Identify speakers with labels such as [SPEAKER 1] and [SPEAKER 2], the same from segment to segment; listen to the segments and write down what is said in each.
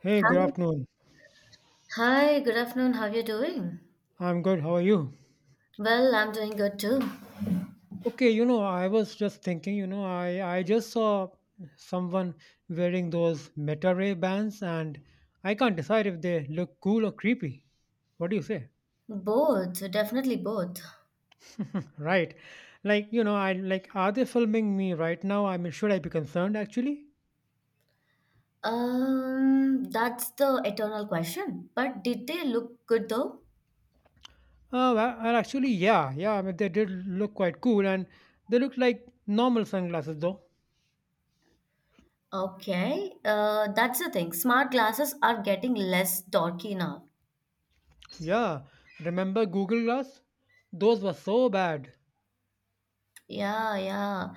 [SPEAKER 1] Hey, good
[SPEAKER 2] Hi.
[SPEAKER 1] afternoon.
[SPEAKER 2] Hi, good afternoon. How are you doing?
[SPEAKER 1] I'm good. How are you?
[SPEAKER 2] Well, I'm doing good too.
[SPEAKER 1] Okay, you know, I was just thinking, I just saw someone wearing those Meta Ray bands, and I can't decide if they look cool or creepy. What do you say?
[SPEAKER 2] Both, definitely both.
[SPEAKER 1] Right. Like, you know, I like are they filming me right now? I mean, should I be concerned actually?
[SPEAKER 2] That's the eternal question. But did they look good though?
[SPEAKER 1] Well, actually, yeah, yeah. I mean, they did look quite cool, and they looked like normal sunglasses, though.
[SPEAKER 2] Okay, that's the thing. Smart glasses are getting less dorky now.
[SPEAKER 1] Yeah, remember Google Glass? Those were so bad.
[SPEAKER 2] Yeah, yeah.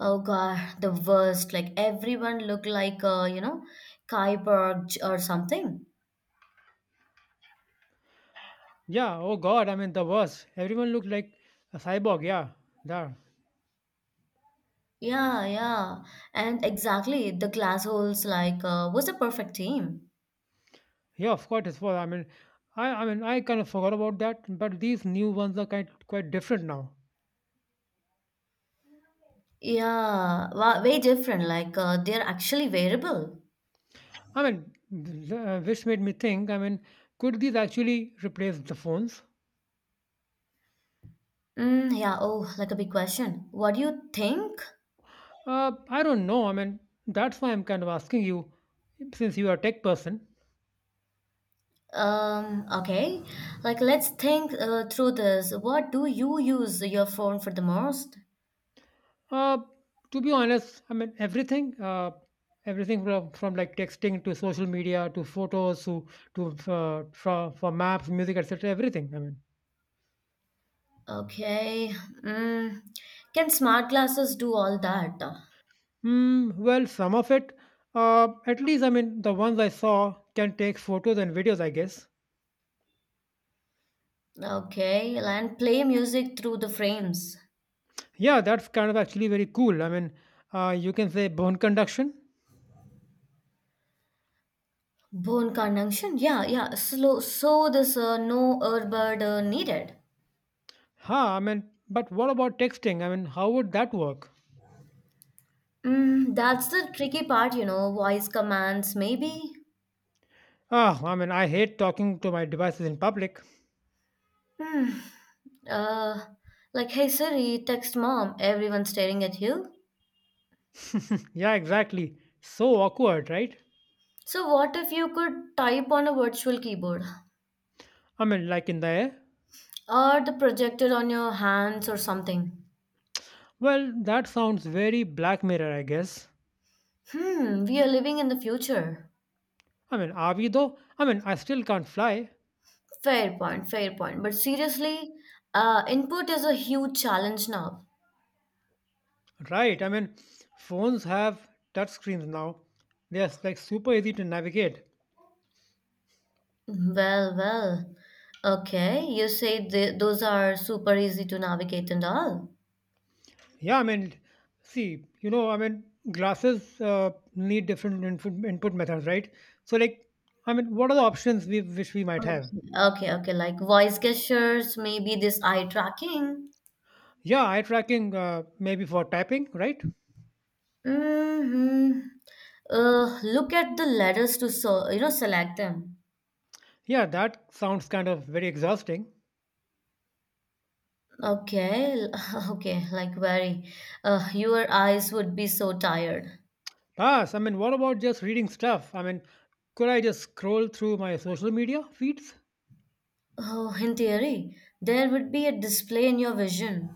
[SPEAKER 2] Oh God, the worst. Like everyone look like you know, or something.
[SPEAKER 1] Yeah, oh God, I mean the worst. Everyone looked like a cyborg, yeah. Yeah,
[SPEAKER 2] Yeah, yeah. And exactly, the glass holes like was a perfect team.
[SPEAKER 1] yeah, of course it was. I mean, I mean, I kind of forgot about that, but these new ones are kind quite different now.
[SPEAKER 2] Yeah, wa way different. Like they're actually variable.
[SPEAKER 1] I mean, which made me think, I mean, could these actually replace the phones?
[SPEAKER 2] Mm, yeah. Oh, like a big question. What do you think?
[SPEAKER 1] I don't know. I mean, that's why I'm kind of asking you since you are a tech person.
[SPEAKER 2] Okay. Like let's think through this. What do you use your phone for the most?
[SPEAKER 1] Uh, to be honest, I mean everything, everything from, like texting to social media to photos to for maps, music, etc. Everything. I mean,
[SPEAKER 2] Okay. Mm, can smart glasses do all that?
[SPEAKER 1] mm, well, some of it, at least. I mean, the ones I saw can take photos and videos. I guess.
[SPEAKER 2] Okay, and play music through the frames.
[SPEAKER 1] Yeah, that's kind of actually very cool. I mean, you can say bone conduction.
[SPEAKER 2] Bone conduction. Yeah, yeah. Slow. So this no earbud needed.
[SPEAKER 1] Huh. I mean, but what about texting? I mean, how would that work?
[SPEAKER 2] Mm, that's the tricky part, you know, voice commands, maybe.
[SPEAKER 1] Ah, I mean, I hate talking to my devices in public.
[SPEAKER 2] Hmm. Uh, like, hey Siri, text mom, everyone's staring at you.
[SPEAKER 1] Yeah, exactly. So awkward, right?
[SPEAKER 2] So, what if you could type on a virtual keyboard
[SPEAKER 1] I mean, like in the air?
[SPEAKER 2] or the projector on your hands or something?
[SPEAKER 1] Well, that sounds very Black Mirror, I guess.
[SPEAKER 2] Hmm, we are living in the future.
[SPEAKER 1] I mean, are we though? I mean, I still can't fly.
[SPEAKER 2] Fair point, fair point. But seriously, input is a huge challenge now.
[SPEAKER 1] Right, I mean, phones have touch screens now. They're like super easy to navigate.
[SPEAKER 2] Well, well. Okay, you say those are super easy to navigate and all.
[SPEAKER 1] Yeah, I mean, see, you know, I mean, glasses need different input methods, right? So, like, I mean, what are the options we wish we might have?
[SPEAKER 2] Okay, okay, like voice gestures, maybe this eye tracking.
[SPEAKER 1] Yeah, eye tracking, maybe for typing, right?
[SPEAKER 2] hmm look at the letters to so you know select them.
[SPEAKER 1] Yeah, that sounds kind of very exhausting.
[SPEAKER 2] Okay, okay, like very. Your eyes would be so tired.
[SPEAKER 1] Pass. I mean, what about just reading stuff? I mean, could I just scroll through my social media feeds?
[SPEAKER 2] Oh, in theory, there would be a display in your vision.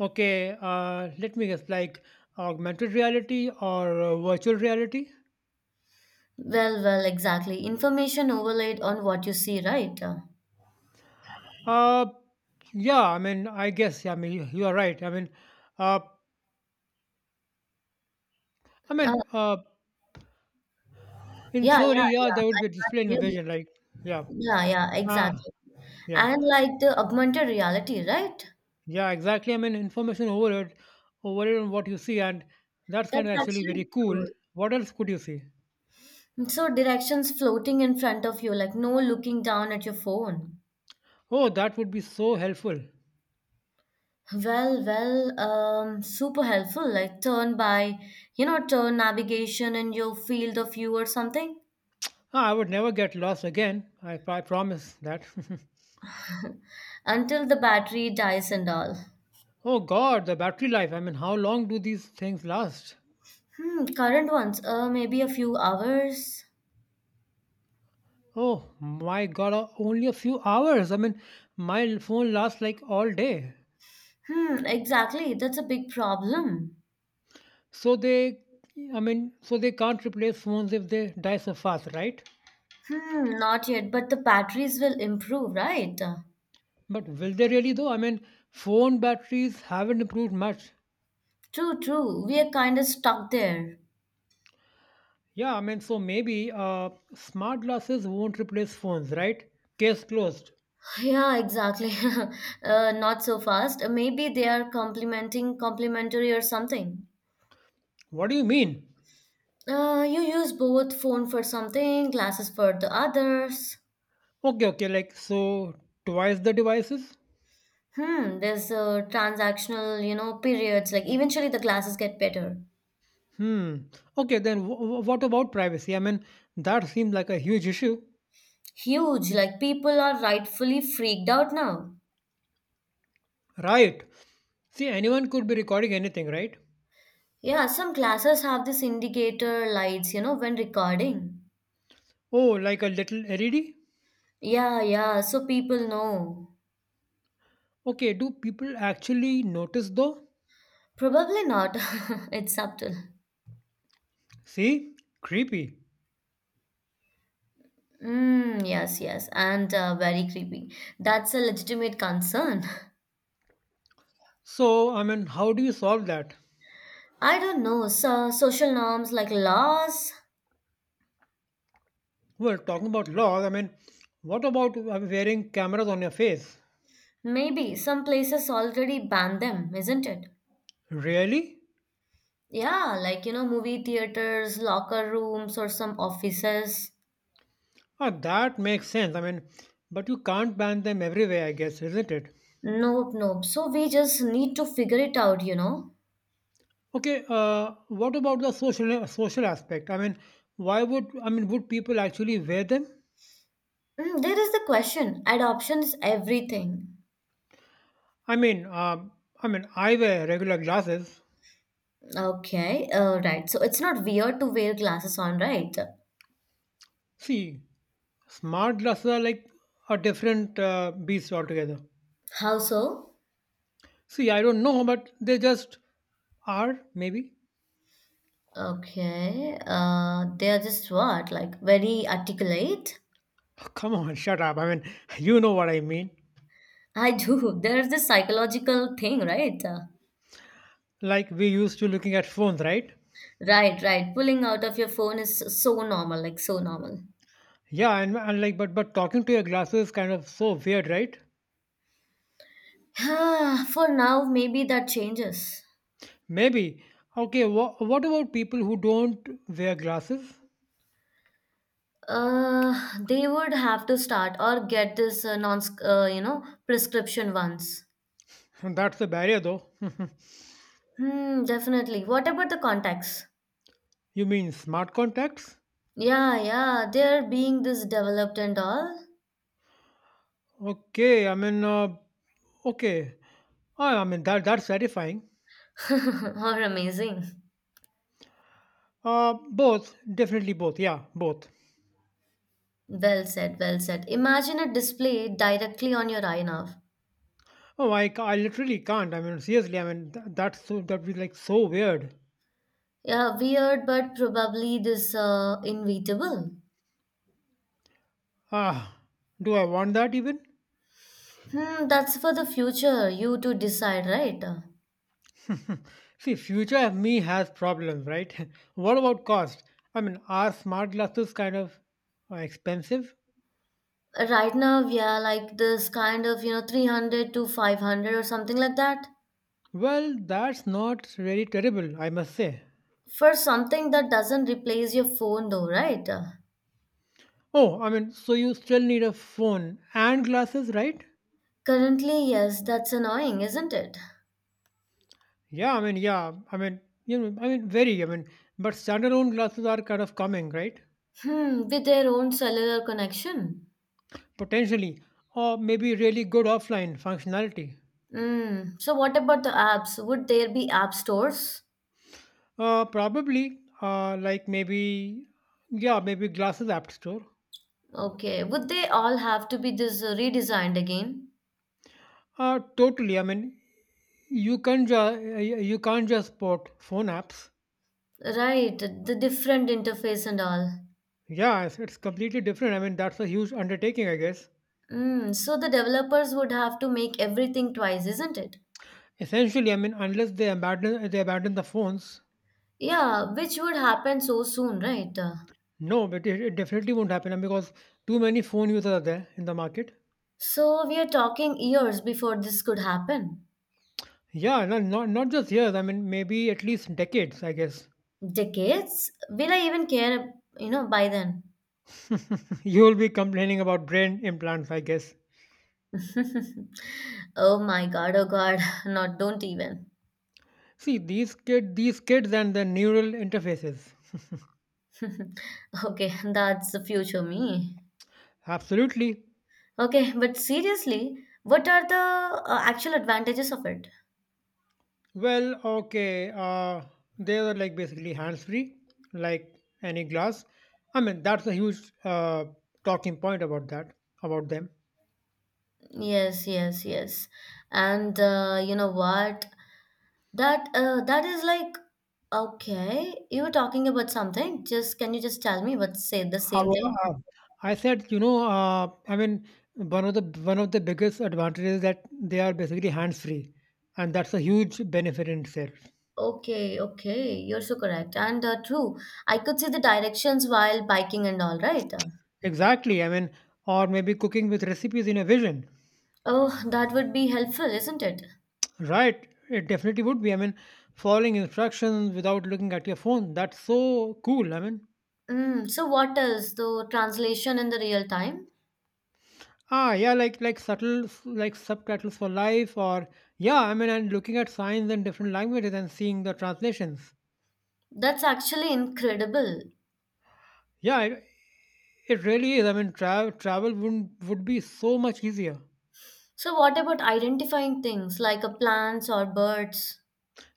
[SPEAKER 1] Okay, let me guess, like augmented reality or virtual reality?
[SPEAKER 2] Well, well, exactly. Information overlaid on what you see, right?
[SPEAKER 1] Uh, yeah, I mean, I guess, yeah, I mean, you are right. I mean, uh, I mean, uh, in
[SPEAKER 2] Yeah,
[SPEAKER 1] theory,
[SPEAKER 2] yeah,
[SPEAKER 1] yeah,
[SPEAKER 2] yeah.
[SPEAKER 1] there would
[SPEAKER 2] I
[SPEAKER 1] be
[SPEAKER 2] got
[SPEAKER 1] display
[SPEAKER 2] you.
[SPEAKER 1] in the vision, like, yeah,
[SPEAKER 2] Yeah, yeah,
[SPEAKER 1] ah,
[SPEAKER 2] exactly.
[SPEAKER 1] yeah.
[SPEAKER 2] And like the augmented reality, right?
[SPEAKER 1] Yeah, exactly. I mean, overload on what you see, and that's kind
[SPEAKER 2] That's
[SPEAKER 1] of actually
[SPEAKER 2] actually
[SPEAKER 1] very cool.
[SPEAKER 2] good.
[SPEAKER 1] What else could you see?
[SPEAKER 2] So directions floating in front of you, like no looking down at your phone.
[SPEAKER 1] Oh, that would be so helpful.
[SPEAKER 2] Well, well, super helpful. Like turn by, you know, turn navigation in your field of view or something
[SPEAKER 1] Ah, I would never get lost again. I promise that.
[SPEAKER 2] until the battery dies and all.
[SPEAKER 1] Oh God, the battery life. I mean, how long do these things last?
[SPEAKER 2] Hmm, current ones, maybe a few hours.
[SPEAKER 1] Oh my God, only a few hours. I mean, my phone lasts like all day.
[SPEAKER 2] Hmm, exactly. That's a big problem.
[SPEAKER 1] So they, I mean, so they can't replace phones if they die so fast, right?
[SPEAKER 2] Hmm, not yet, but the batteries will improve, right?
[SPEAKER 1] But will they really though? I mean, phone batteries haven't improved much.
[SPEAKER 2] True, true. We are kind of stuck there.
[SPEAKER 1] Yeah, I mean, so maybe smart glasses won't replace phones, right? Case closed.
[SPEAKER 2] Yeah, exactly. Not so fast. Maybe they are complimentary or something.
[SPEAKER 1] What do you mean?
[SPEAKER 2] You use both phone for something, glasses for the others.
[SPEAKER 1] Okay, okay, like so twice the devices?
[SPEAKER 2] Hmm, there's transactional, you know, periods. Like eventually the glasses get better.
[SPEAKER 1] Hmm. Okay, what about privacy? I mean, that seemed like a huge issue.
[SPEAKER 2] Huge. Like people are rightfully freaked out now.
[SPEAKER 1] Right. See, anyone could be recording anything, right?
[SPEAKER 2] Yeah, some glasses have this indicator lights, you know, when recording.
[SPEAKER 1] Oh, like a little LED?
[SPEAKER 2] Yeah, yeah. So people know.
[SPEAKER 1] Okay, do people actually notice though?
[SPEAKER 2] Probably not. It's subtle.
[SPEAKER 1] See? Creepy.
[SPEAKER 2] Mm, yes, yes, and very creepy. That's a legitimate concern.
[SPEAKER 1] So, I mean, how do you solve that?
[SPEAKER 2] I don't know. So, social norms like laws,
[SPEAKER 1] Well, talking about laws, I mean, what about wearing cameras on your face?
[SPEAKER 2] maybe some places already ban them, isn't it?
[SPEAKER 1] Really?
[SPEAKER 2] Yeah, like you know, movie theaters, locker rooms, or some offices.
[SPEAKER 1] Ah, that makes sense. I mean, but you can't ban them everywhere, I guess, isn't it?
[SPEAKER 2] Nope, nope. So we just need to figure it out, you know.
[SPEAKER 1] Okay. What about the social aspect? I mean, would people actually wear them?
[SPEAKER 2] Mm, there is the question. Adoption is everything.
[SPEAKER 1] I mean, um, I mean, I wear regular glasses.
[SPEAKER 2] Okay, right. So it's not weird to wear glasses on, right?
[SPEAKER 1] See, smart glasses are like a different beast altogether.
[SPEAKER 2] How so?
[SPEAKER 1] See, I don't know, but they just are, maybe.
[SPEAKER 2] Okay. They are just what? Like very articulate?
[SPEAKER 1] Come on, shut up. I mean, you know what I mean.
[SPEAKER 2] I do. There's this psychological thing, right?
[SPEAKER 1] Like we used to looking at phones, right?
[SPEAKER 2] Right, right. Pulling out of your phone is so normal, like so normal.
[SPEAKER 1] Yeah, and like, but talking to your glasses is kind of so weird, right?
[SPEAKER 2] For now, maybe that changes.
[SPEAKER 1] Maybe. Okay, what about people who don't wear glasses?
[SPEAKER 2] They would have to start or get this you know, prescription ones.
[SPEAKER 1] That's the barrier, though.
[SPEAKER 2] Hmm, definitely. What about the contacts?
[SPEAKER 1] You mean smart contacts?
[SPEAKER 2] Yeah, yeah, they're being this developed and all.
[SPEAKER 1] Okay, okay. Ah, I mean that's terrifying.
[SPEAKER 2] Or amazing.
[SPEAKER 1] Uh, Both, definitely both. Yeah, both.
[SPEAKER 2] Well said, well said. Imagine a display directly on your eye now.
[SPEAKER 1] Oh, I literally can't. I mean, seriously, I mean, that's so, that'd be like so weird.
[SPEAKER 2] Yeah, weird, but probably this inevitable.
[SPEAKER 1] Ah, do I want that even?
[SPEAKER 2] Hmm, that's for the future, you to decide, right?
[SPEAKER 1] See, future me has problems, right? What about cost? I mean, are smart glasses kind of expensive?
[SPEAKER 2] Right now, we are like this kind of, you know, 300 to 500 or something like that.
[SPEAKER 1] Well, that's not very terrible, I must say.
[SPEAKER 2] For something that doesn't replace your phone, though, right?
[SPEAKER 1] Oh, I mean, so you still need a phone and glasses, right?
[SPEAKER 2] Currently, yes, that's annoying, isn't it?
[SPEAKER 1] Yeah, I mean, you know, I mean, very, I mean, but standalone glasses are kind of coming, right?
[SPEAKER 2] Hmm, with their own cellular connection.
[SPEAKER 1] Potentially, or maybe really good offline functionality.
[SPEAKER 2] Hmm, so what about the apps? Would there be app stores?
[SPEAKER 1] Like maybe, yeah, maybe glasses app store.
[SPEAKER 2] Okay, would they all have to be this redesigned again?
[SPEAKER 1] Totally. I mean, you can ju- uh, you can't just port phone apps.
[SPEAKER 2] Right, the different interface and all.
[SPEAKER 1] Yeah, it's completely different. I mean, that's a huge undertaking, I guess.
[SPEAKER 2] Mm, so the developers would have to make everything twice, isn't it?
[SPEAKER 1] Essentially, I mean, unless they abandon the phones,
[SPEAKER 2] Yeah, which would happen so soon, right?
[SPEAKER 1] no, but it definitely won't happen, I mean, because too many phone users are there in the market.
[SPEAKER 2] So we are talking years before this could happen.
[SPEAKER 1] Yeah, not just years. I mean, maybe at least decades, I guess.
[SPEAKER 2] Decades? Will I even care, you know, by then?
[SPEAKER 1] You will be complaining about brain implants, I guess.
[SPEAKER 2] Oh my god, oh god, not don't even.
[SPEAKER 1] See these kids and the neural interfaces.
[SPEAKER 2] Okay, that's the future me.
[SPEAKER 1] Absolutely.
[SPEAKER 2] Okay, but seriously, what are the actual advantages of it?
[SPEAKER 1] Well, okay. They are like basically hands-free, like any glass. I mean, that's a huge talking point about them.
[SPEAKER 2] Yes, yes, yes. And you know what? That is like okay, you were talking about something. Just can you just tell me what say the same
[SPEAKER 1] However,
[SPEAKER 2] thing?
[SPEAKER 1] I said, you know, I mean, one of the biggest advantages is that they are basically hands-free, and that's a huge benefit in itself.
[SPEAKER 2] Okay, okay, you're so correct. And true, I could see the directions while biking and all, right?
[SPEAKER 1] Exactly. I mean, or maybe cooking with recipes in a vision.
[SPEAKER 2] Oh, that would be helpful, isn't it?
[SPEAKER 1] Right. It definitely would be. I mean, following instructions without looking at your phone. That's so cool. I mean,
[SPEAKER 2] Mm, so what else? The translation in the real time?
[SPEAKER 1] ah, yeah, like subtitles for life, or yeah, I mean, and looking at signs in different languages and seeing the translations.
[SPEAKER 2] That's actually incredible.
[SPEAKER 1] Yeah, it really is. I mean, travel would be so much easier.
[SPEAKER 2] So, what about identifying things like a plants or birds?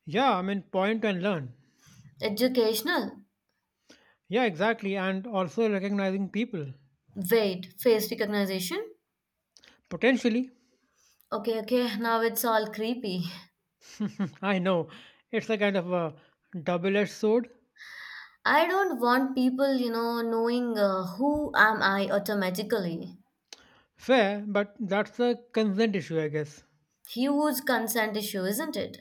[SPEAKER 1] Yeah, I mean, point and learn.
[SPEAKER 2] Educational?
[SPEAKER 1] Yeah, exactly, and also recognizing people
[SPEAKER 2] Wait, face recognition?
[SPEAKER 1] potentially.
[SPEAKER 2] Okay, okay, now it's all creepy.
[SPEAKER 1] I know it's a kind of a double-edged sword.
[SPEAKER 2] I don't want people, you know, knowing who am I automatically.
[SPEAKER 1] Fair, but that's a consent issue, I guess.
[SPEAKER 2] Huge consent issue, isn't it?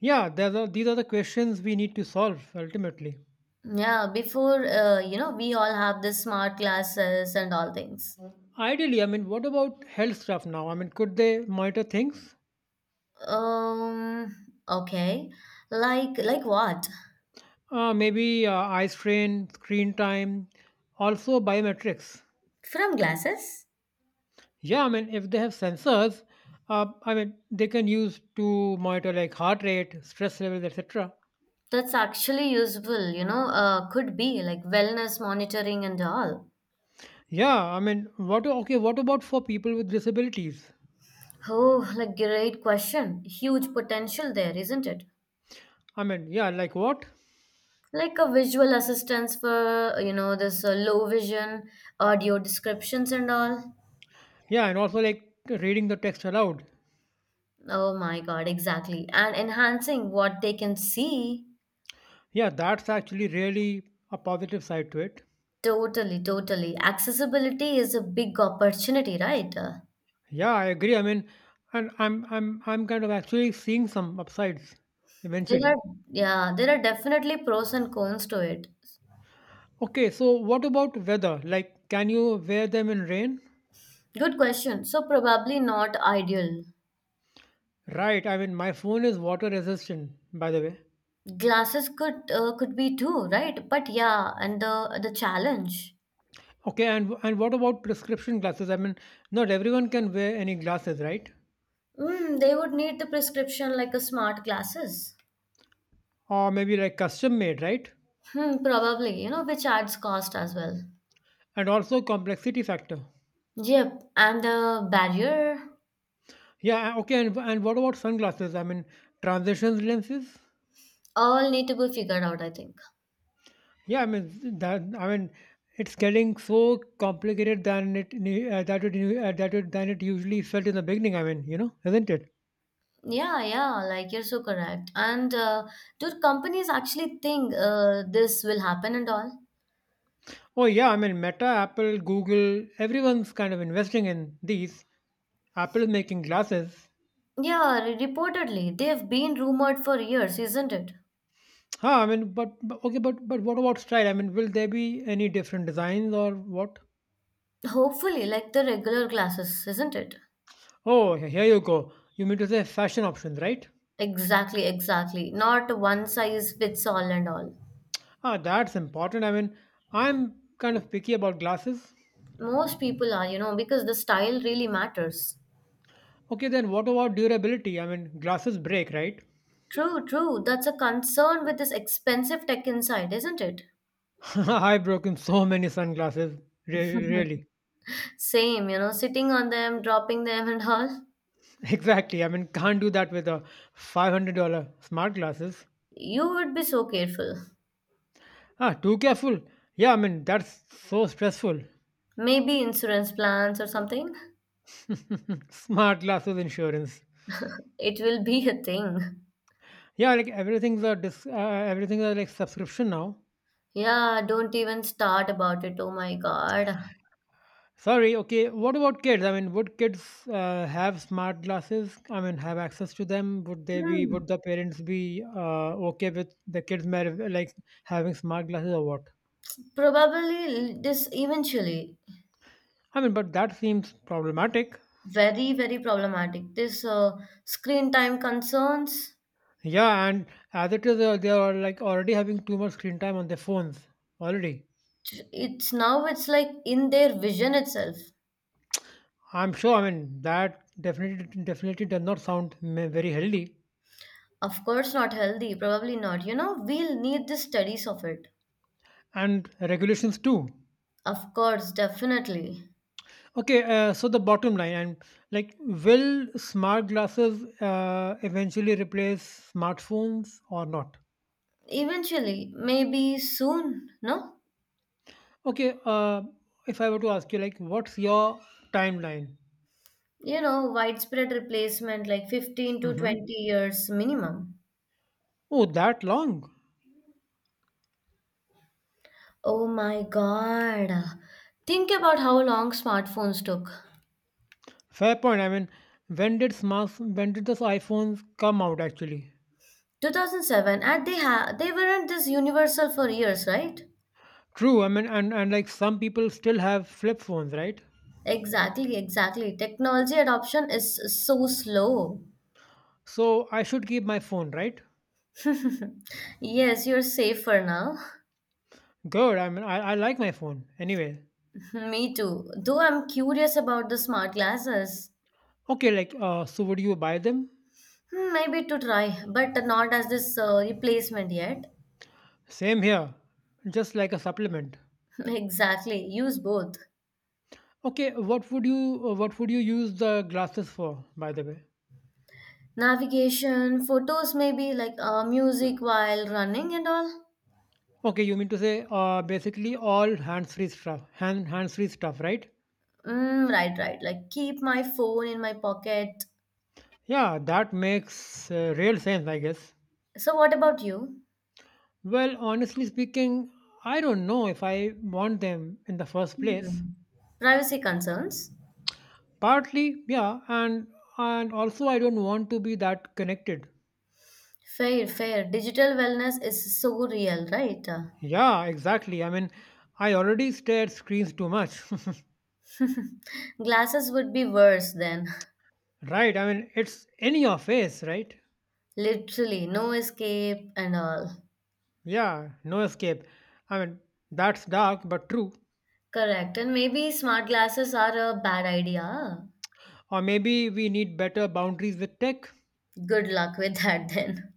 [SPEAKER 1] Yeah, these are the questions we need to solve ultimately.
[SPEAKER 2] Yeah, before, you know, we all have the smart glasses and all things.
[SPEAKER 1] Ideally, I mean, what about health stuff now? I mean, could they monitor things?
[SPEAKER 2] Um, okay. Like what?
[SPEAKER 1] Maybe eye strain, screen time, also biometrics.
[SPEAKER 2] From glasses?
[SPEAKER 1] Yeah, I mean, if they have sensors, I mean, they can use to monitor like heart rate, stress levels, etc.
[SPEAKER 2] That's actually useful, you know, could be like wellness monitoring and all.
[SPEAKER 1] Yeah, I mean, what okay, what about for people with disabilities?
[SPEAKER 2] Oh, like great question. Huge potential there, isn't it?
[SPEAKER 1] I mean, yeah, like what?
[SPEAKER 2] Like a visual assistance for, you know, this low vision, audio descriptions and all.
[SPEAKER 1] Yeah, and also like reading the text aloud.
[SPEAKER 2] Oh my God, exactly. And enhancing what they can see.
[SPEAKER 1] Yeah, that's actually really a positive side to it.
[SPEAKER 2] Totally, totally. Accessibility is a big opportunity, right?
[SPEAKER 1] Yeah, I agree. I mean, and I'm kind of actually seeing some upsides
[SPEAKER 2] There are,
[SPEAKER 1] eventually.
[SPEAKER 2] yeah, there are definitely pros and cons to it.
[SPEAKER 1] Okay, so what about weather? Like, can you wear them in rain?
[SPEAKER 2] Good question. So probably not ideal.
[SPEAKER 1] Right. I mean, my phone is water resistant, by the way.
[SPEAKER 2] Glasses could be too, right? But yeah, and the challenge.
[SPEAKER 1] Okay, and what about prescription glasses? I mean, not everyone can wear any glasses, right?
[SPEAKER 2] Mm, they would need the prescription like a smart glasses.
[SPEAKER 1] Or maybe like custom made, right?
[SPEAKER 2] Hmm, probably, you know, which adds cost as well.
[SPEAKER 1] And also complexity factor.
[SPEAKER 2] Yep, and the barrier
[SPEAKER 1] Yeah, okay. And what about sunglasses? I mean, transitions lenses?
[SPEAKER 2] all need to be figured out, I think.
[SPEAKER 1] Yeah, I mean that. I mean, it's getting so complicated than it nu- that it nu- that it than it usually felt in the beginning. I mean, you know, isn't it?
[SPEAKER 2] Yeah, yeah, like you're so correct. And do companies actually think this will happen and all?
[SPEAKER 1] Oh yeah, I mean, Meta, Apple, Google, everyone's kind of investing in these. Apple is making glasses.
[SPEAKER 2] Yeah, reportedly, they've been rumored for years, isn't it?
[SPEAKER 1] Huh, I mean, but okay, but what about style? I mean, will there be any different designs or what?
[SPEAKER 2] Hopefully, like the regular glasses, isn't it?
[SPEAKER 1] Oh, here you go. You mean to say fashion options, right?
[SPEAKER 2] Exactly, exactly. Not one size fits all and all.
[SPEAKER 1] Ah, that's important. I mean, I'm kind of picky about glasses.
[SPEAKER 2] Most people are, you know, because the style really matters.
[SPEAKER 1] Okay, then what about durability? I mean, glasses break, right?
[SPEAKER 2] True, true. That's a concern with this expensive tech inside, isn't it?
[SPEAKER 1] I've broken so many sunglasses. Really.
[SPEAKER 2] Same, you know, sitting on them, dropping them, and all.
[SPEAKER 1] Exactly. I mean, can't do that with a $500 smart glasses.
[SPEAKER 2] You would be so careful.
[SPEAKER 1] Ah, too careful. Yeah, I mean, that's so stressful.
[SPEAKER 2] Maybe insurance plans or something.
[SPEAKER 1] Smart glasses insurance.
[SPEAKER 2] It will be a thing.
[SPEAKER 1] Yeah, everything's a like subscription now.
[SPEAKER 2] Yeah, don't even start about it. Oh my God.
[SPEAKER 1] Sorry, okay. What about kids? I mean, would kids have smart glasses? I mean, have access to them?
[SPEAKER 2] Hmm.
[SPEAKER 1] Would the parents be okay with like having smart glasses or what?
[SPEAKER 2] Probably this eventually.
[SPEAKER 1] I mean, but that seems problematic.
[SPEAKER 2] Very very problematic this screen time concerns.
[SPEAKER 1] Yeah, and as it is, they are like already having too much screen time on their phones already.
[SPEAKER 2] It's now it's like in their vision itself.
[SPEAKER 1] I'm sure. I mean, that definitely does not sound very healthy,
[SPEAKER 2] Of course not healthy, probably not, you know, we'll need the studies of it.
[SPEAKER 1] and regulations too.
[SPEAKER 2] Of course definitely.
[SPEAKER 1] Okay, so the bottom line, and like, will smart glasses eventually replace smartphones or not?
[SPEAKER 2] Eventually maybe, soon no.
[SPEAKER 1] Okay, if I were to ask you, like, what's your timeline?
[SPEAKER 2] You know, widespread replacement like 15 to
[SPEAKER 1] Mm-hmm.
[SPEAKER 2] 20 years minimum.
[SPEAKER 1] Oh, that long?
[SPEAKER 2] Oh my god, think about how long smartphones took.
[SPEAKER 1] Fair point. I mean, when did those iPhones come out actually?
[SPEAKER 2] 2007, and they weren't this universal for years, right?
[SPEAKER 1] True. I mean, and like some people still have flip phones, right?
[SPEAKER 2] Exactly, exactly. Technology adoption is so slow.
[SPEAKER 1] So I should keep my phone, right?
[SPEAKER 2] Yes, you're safe for now.
[SPEAKER 1] Good. I mean, I like my phone anyway.
[SPEAKER 2] Me too, though I'm curious about the smart glasses.
[SPEAKER 1] Okay, like, so would you buy them?
[SPEAKER 2] Hmm, maybe to try but not as this replacement yet.
[SPEAKER 1] Same here, just like a supplement.
[SPEAKER 2] Exactly, use both.
[SPEAKER 1] Okay, what would you use the glasses for, by the way?
[SPEAKER 2] Navigation, photos, maybe like music while running and all.
[SPEAKER 1] Okay, you mean to say basically all hands-free stuff, hands-free stuff, right?
[SPEAKER 2] Mm, right, right, like keep my phone in my pocket.
[SPEAKER 1] Yeah, that makes real sense, I guess.
[SPEAKER 2] So what about you?
[SPEAKER 1] Well, honestly speaking, I don't know if I want them in the first place.
[SPEAKER 2] Hmm. Privacy concerns.
[SPEAKER 1] Partly, yeah, and also I don't want to be that connected.
[SPEAKER 2] Fair, fair. Digital wellness is so real, right?
[SPEAKER 1] Yeah, exactly. I mean, I already stare at screens too much.
[SPEAKER 2] Glasses would be worse then.
[SPEAKER 1] Right. I mean, it's in your face, right?
[SPEAKER 2] Literally, no escape and all.
[SPEAKER 1] Yeah, no escape. I mean, that's dark but true.
[SPEAKER 2] Correct. And maybe smart glasses are a bad idea.
[SPEAKER 1] Or maybe we need better boundaries with tech.
[SPEAKER 2] Good luck with that then.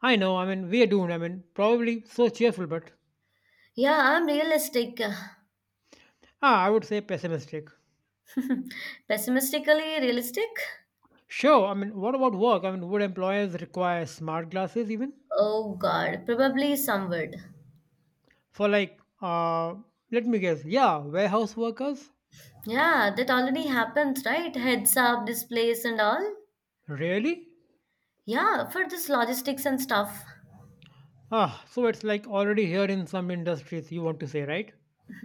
[SPEAKER 1] I know, I mean, we are doomed. I mean, probably so cheerful, but
[SPEAKER 2] Yeah, I'm realistic.
[SPEAKER 1] I would say pessimistic.
[SPEAKER 2] Pessimistically realistic?
[SPEAKER 1] Sure, I mean, what about work? I mean, would employers require smart glasses even?
[SPEAKER 2] Oh god, probably some would.
[SPEAKER 1] For like, let me guess, yeah, warehouse workers?
[SPEAKER 2] Yeah, that already happens, right? Heads up displays and all.
[SPEAKER 1] Really?
[SPEAKER 2] Yeah, for this logistics and stuff.
[SPEAKER 1] So it's like already here in some industries, you want to say, right?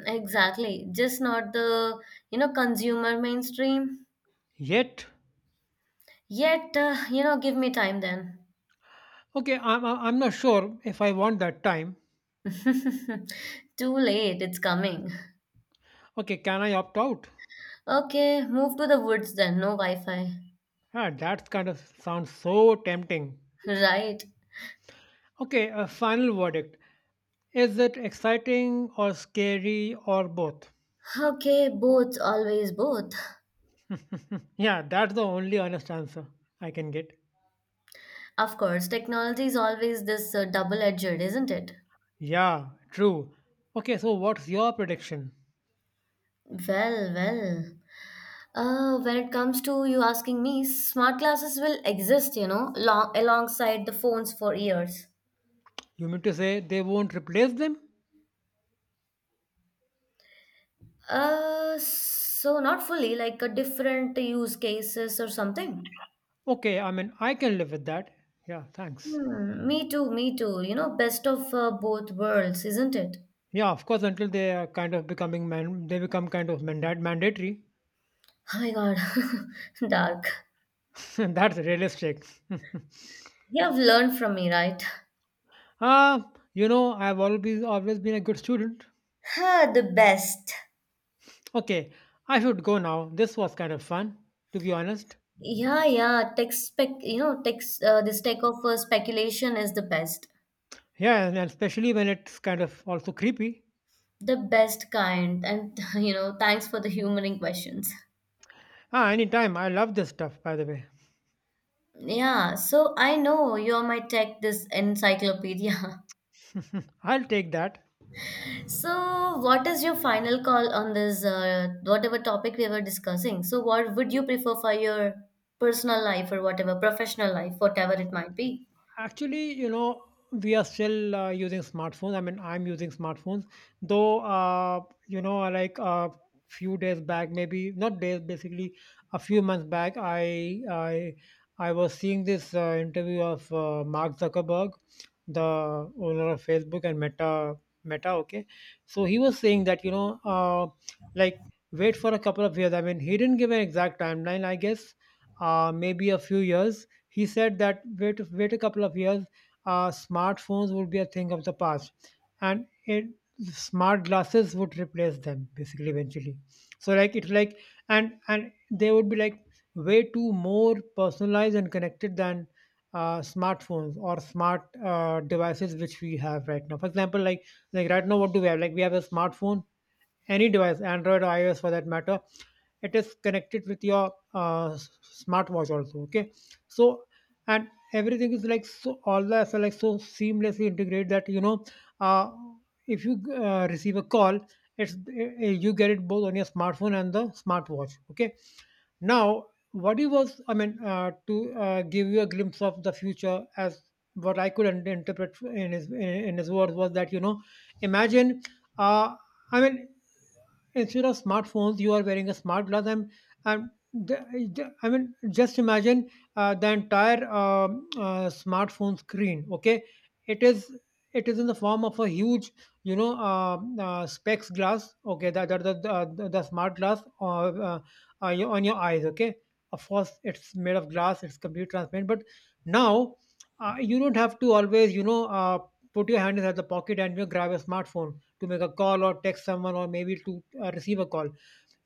[SPEAKER 2] Exactly, just not the, you know, consumer mainstream.
[SPEAKER 1] Yet,
[SPEAKER 2] Yet, you know, give me time then.
[SPEAKER 1] okay, I'm not sure if I want that time.
[SPEAKER 2] Too late, it's coming.
[SPEAKER 1] Okay, can I opt out?
[SPEAKER 2] Okay, move to the woods then, no Wi-Fi.
[SPEAKER 1] That kind of sounds so tempting.
[SPEAKER 2] Right.
[SPEAKER 1] Okay, a final verdict. Is it exciting or scary or both?
[SPEAKER 2] Okay, both, always both.
[SPEAKER 1] Yeah, that's the only honest answer I can get.
[SPEAKER 2] Of course, technology is always this double-edged, isn't it?
[SPEAKER 1] Yeah, true. Okay, so what's your prediction?
[SPEAKER 2] Well, well. When it comes to you asking me, smart glasses will exist, you know, long alongside the phones for years.
[SPEAKER 1] You mean to say they won't replace them?
[SPEAKER 2] So not fully, like a different use cases or something.
[SPEAKER 1] Okay, I mean I can live with that. Yeah, thanks.
[SPEAKER 2] Hmm, me too, me too. You know, best of both worlds, isn't it?
[SPEAKER 1] Yeah, of course, until they become kind of mandatory.
[SPEAKER 2] Oh my God, dark.
[SPEAKER 1] That's realistic.
[SPEAKER 2] You have learned from me, right?
[SPEAKER 1] uh, I've always been a good student.
[SPEAKER 2] Huh, the best.
[SPEAKER 1] Okay, I should go now. This was kind of fun, to be honest.
[SPEAKER 2] Yeah, yeah. Tech spec, you know, tech, this tech of speculation is
[SPEAKER 1] Yeah, and especially when it's kind of also creepy.
[SPEAKER 2] the best kind. And you know, thanks for the humoring questions.
[SPEAKER 1] Anytime. I love this stuff, by the way.
[SPEAKER 2] Yeah, so I know you're my tech, this encyclopedia.
[SPEAKER 1] I'll take that.
[SPEAKER 2] So, what is your final call on this, whatever topic we were discussing? So, what would you prefer for your personal life or whatever, professional life, whatever it might be?
[SPEAKER 1] Actually, you know, we are still using smartphones. I mean, I'm using smartphones, though. Like a few days back, maybe not days, basically a few months back, I was seeing this interview of Mark Zuckerberg, the owner of Facebook and Meta. Okay, so he was saying that like wait for a couple of years. I mean, he didn't give an exact timeline. I guess maybe a few years he said that wait a couple of years, smartphones would be a thing of the past, and smart glasses would replace them basically eventually. So like it's like and they would be like way too more personalized and connected than smartphones or smart devices which we have right now. For example, like right now, what do we have? Like we have a smartphone, any device, Android or iOS for that matter. It is connected with your smartwatch also. Okay, so and everything is like so all the apps are like so seamlessly integrated that uh, if you receive a call, it's you get it both on your smartphone and the smartwatch. Okay, now I mean, to give you a glimpse of the future as what I could interpret in his words, was that you know, imagine, uh, I mean, instead of smartphones you are wearing a smart glass, and I mean just imagine the entire smartphone screen. Okay, it is it is in the form of a huge, you know, specs glass. Okay, the smart glass on your eyes. Okay, of course it's made of glass, it's completely transparent, but now you don't have to always, you know, put your hand inside the pocket and, you know, grab a smartphone to make a call or text someone or maybe to receive a call.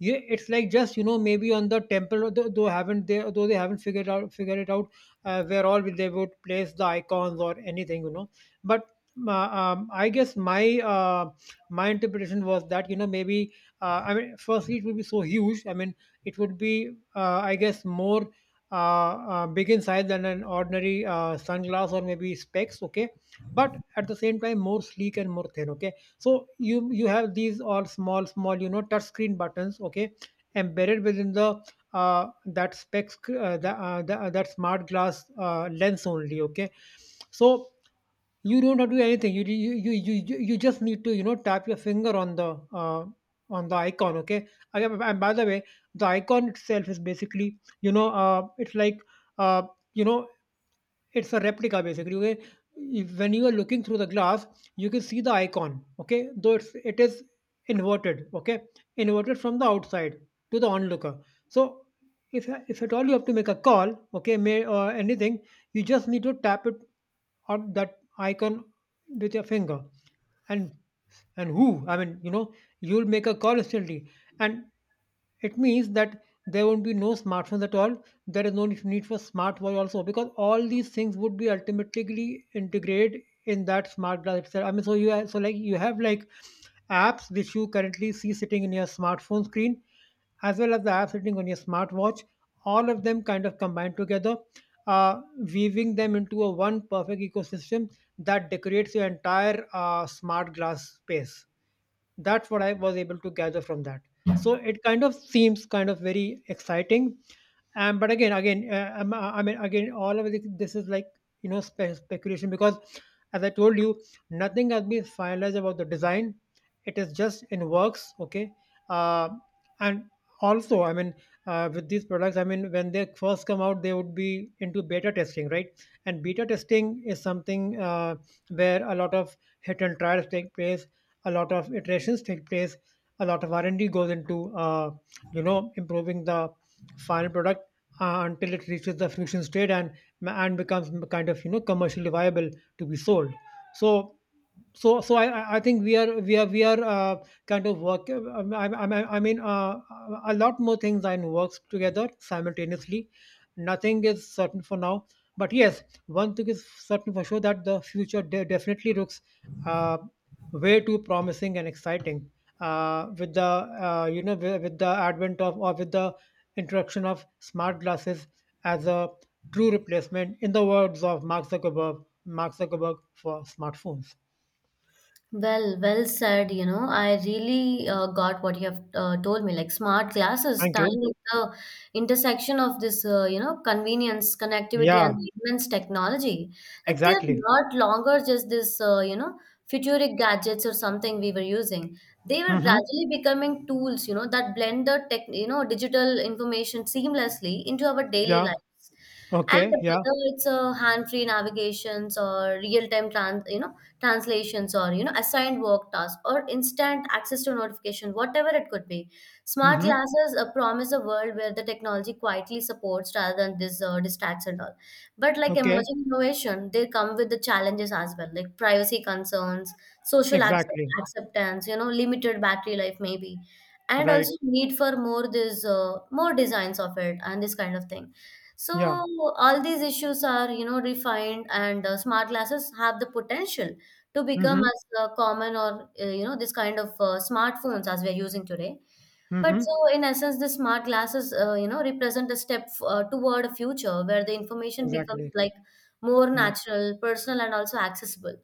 [SPEAKER 1] Yeah, it's like just, you know, maybe on the temple, though haven't they though they haven't figured it out where all they would place the icons or anything, you know. But I guess my interpretation was that, you know, maybe, I mean, firstly it would be so huge. I mean it would be I guess more big in size than an ordinary sunglass or maybe specs. Okay, but at the same time more sleek and more thin. Okay, so you have these all small small, you know, touch screen buttons, okay, embedded within the that smart glass lens only. Okay, so you don't have to do anything. You just need to, you know, tap your finger on the icon. Okay, again, and by the way, the icon itself is basically, it's like uh, you know, it's a replica basically. Okay, when you are looking through the glass, you can see the icon. Okay, though it is inverted. Okay, inverted from the outside to the onlooker. So if if at all you have to make a call, okay, may or anything, you just need to tap it on that icon with your finger, and and who I mean, you know, you'll make a call instantly. And it means that there won't be no smartphones at all. There is no need for smartwatch also, because all these things would be ultimately integrated in that smart glass itself. I mean, so like you have like apps which you currently see sitting in your smartphone screen as well as the apps sitting on your smartwatch. All of them kind of combined together, uh, weaving them into a one perfect ecosystem that decorates your entire smart glass space. That's what I was able to gather from that. So it kind of seems kind of very exciting, but again, I mean, again, all of this, this is like, you know, speculation, because, as I told you, nothing has been finalized about the design. It is just in works, okay. Uh, and also, I mean, with these products, I mean, when they first come out, they would be into beta testing, right? And beta testing is something where a lot of hit and trials take place, a lot of iterations take place, a lot of r&d goes into, you know, improving the final product until it reaches the fruition state, and becomes kind of, you know, commercially viable to be sold. So so so i i I think we are I mean, a lot more things are in works together, simultaneously. Nothing is certain for now, but yes, one thing is certain for sure, that the future definitely looks uh, way too promising and exciting, with the you know with the advent of, or with the introduction of, smart glasses as a true replacement, in the words of Mark Zuckerberg, for smartphones.
[SPEAKER 2] Well, well said. You know, I really got what you have told me. Like smart glasses
[SPEAKER 1] Thank
[SPEAKER 2] stand
[SPEAKER 1] you.
[SPEAKER 2] at the intersection of this, you know, convenience, connectivity,
[SPEAKER 1] Yeah,
[SPEAKER 2] and immense technology. Like they're
[SPEAKER 1] exactly.
[SPEAKER 2] not longer just this, you know, futuristic gadgets or something we were using. They were
[SPEAKER 1] Mm-hmm.
[SPEAKER 2] gradually becoming tools, you know, that blend the tech, you know, digital information seamlessly into our daily
[SPEAKER 1] Yeah.
[SPEAKER 2] life, and
[SPEAKER 1] Okay, yeah.
[SPEAKER 2] whether it's a hand-free navigations or real-time trans you know translations, or you know assigned work tasks, or instant access to notification, whatever it could be, smart
[SPEAKER 1] Mm-hmm.
[SPEAKER 2] classes promise a world where the technology quietly supports rather than this distracts and all. But like
[SPEAKER 1] Okay.
[SPEAKER 2] emerging innovation, they come with the challenges as well, like privacy concerns,
[SPEAKER 1] Exactly.
[SPEAKER 2] acceptance, you know limited battery life maybe, and
[SPEAKER 1] Right.
[SPEAKER 2] also need for more this more designs of it and this kind of thing.
[SPEAKER 1] Yeah.
[SPEAKER 2] So all these issues are, you know, refined, and smart glasses have the potential to become
[SPEAKER 1] Mm-hmm.
[SPEAKER 2] as common or you know this kind of smartphones as we are using today. But
[SPEAKER 1] Mm-hmm.
[SPEAKER 2] so in essence, the smart glasses, you know, represent a step toward a future where the information becomes
[SPEAKER 1] Exactly.
[SPEAKER 2] like more
[SPEAKER 1] Mm.
[SPEAKER 2] natural, personal, and also accessible,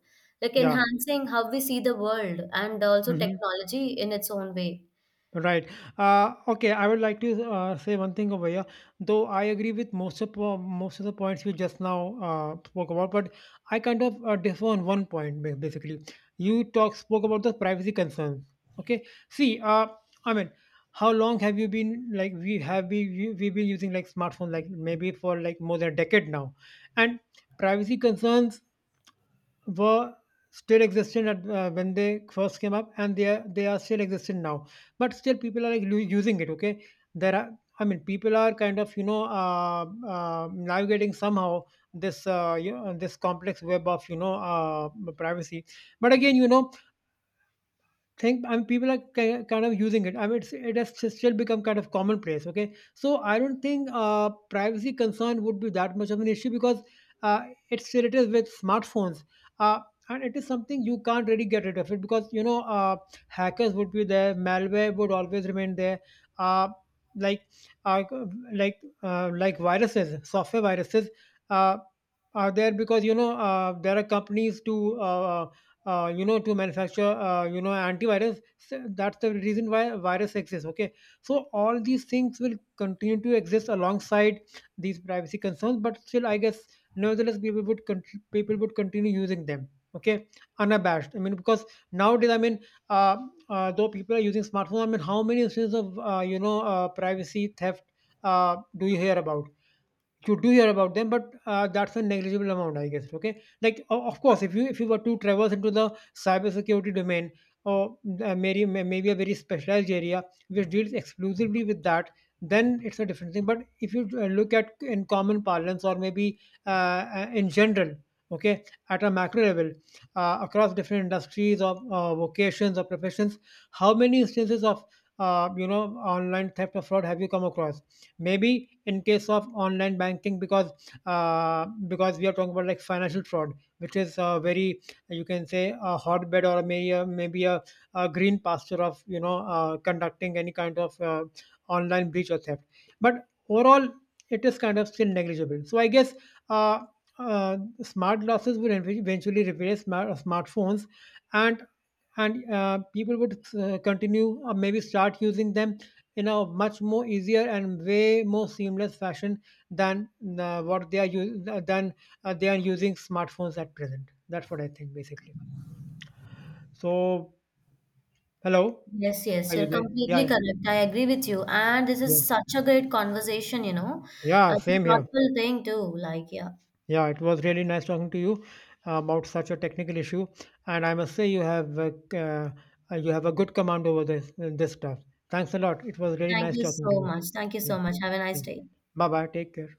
[SPEAKER 2] like
[SPEAKER 1] Yeah.
[SPEAKER 2] enhancing how we see the world and also
[SPEAKER 1] Mm-hmm.
[SPEAKER 2] technology in its own way.
[SPEAKER 1] Right. Okay, I would like to say one thing over here. Though I agree with most of the points you just now spoke about, but I kind of differ on one point basically. You talk spoke about the privacy concerns. Okay. See, I mean, how long have you been like we have we've been using like smartphone like maybe for like more than a decade now, and privacy concerns were still existent when they first came up, and they are still existent now, but still people are like using it. Okay, there are, I mean, people are kind of, you know, navigating somehow this you know, this complex web of, you know, privacy. But again, you know, think I mean, people are kind of using it. I mean, it has just still become kind of commonplace. Okay, so I don't think privacy concern would be that much of an issue, because uh, it's related with smartphones, uh, and it is something you can't really get rid of it, because, you know, hackers would be there, malware would always remain there. Uh, like uh, like like viruses, software viruses uh, are there, because, you know, there are companies to you know, to manufacture, you know, antivirus. So that's the reason why virus exists. Okay, so all these things will continue to exist alongside these privacy concerns, but still I guess, nevertheless, people would people would continue using them. Okay, unabashed, I mean, because nowadays, I mean, uh, though people are using smartphones, I mean, how many instances of, you know, privacy theft do you hear about? You do hear about them, but that's a negligible amount, I guess. Okay, like of course, if you were to traverse into the cybersecurity domain, or maybe a very specialized area which deals exclusively with that, then it's a different thing. But if you look at in common parlance, or maybe in general, okay, at a macro level, across different industries or vocations or professions, how many instances of, you know, online theft or fraud have you come across? Maybe in case of online banking, because we are talking about like financial fraud, which is a very, you can say, a hotbed, or a green pasture of, you know, conducting any kind of online breach or theft. But overall it is kind of still negligible, so I guess uh, uh, smart glasses will eventually replace smartphones, and and people would continue or maybe start using them in a much more easier and way more seamless fashion than than they are using smartphones at present. That's what I think, basically. So hello,
[SPEAKER 2] Yes, yes,
[SPEAKER 1] are
[SPEAKER 2] you're
[SPEAKER 1] you there? Yeah,
[SPEAKER 2] completely
[SPEAKER 1] yeah,
[SPEAKER 2] correct. I agree with you. And this
[SPEAKER 1] yeah,
[SPEAKER 2] is such a great conversation, you know.
[SPEAKER 1] yeah,
[SPEAKER 2] It's a
[SPEAKER 1] same here.
[SPEAKER 2] thoughtful thing too. Like, yeah.
[SPEAKER 1] Yeah, it was really nice talking to you about such a technical issue, and I must say you have a good command over this stuff. Thanks a lot. It was really
[SPEAKER 2] Thank
[SPEAKER 1] nice
[SPEAKER 2] you
[SPEAKER 1] talking to
[SPEAKER 2] so
[SPEAKER 1] you.
[SPEAKER 2] much. Thank you
[SPEAKER 1] Yeah.
[SPEAKER 2] so much. Have a nice
[SPEAKER 1] Yeah.
[SPEAKER 2] day.
[SPEAKER 1] Bye bye. Take care.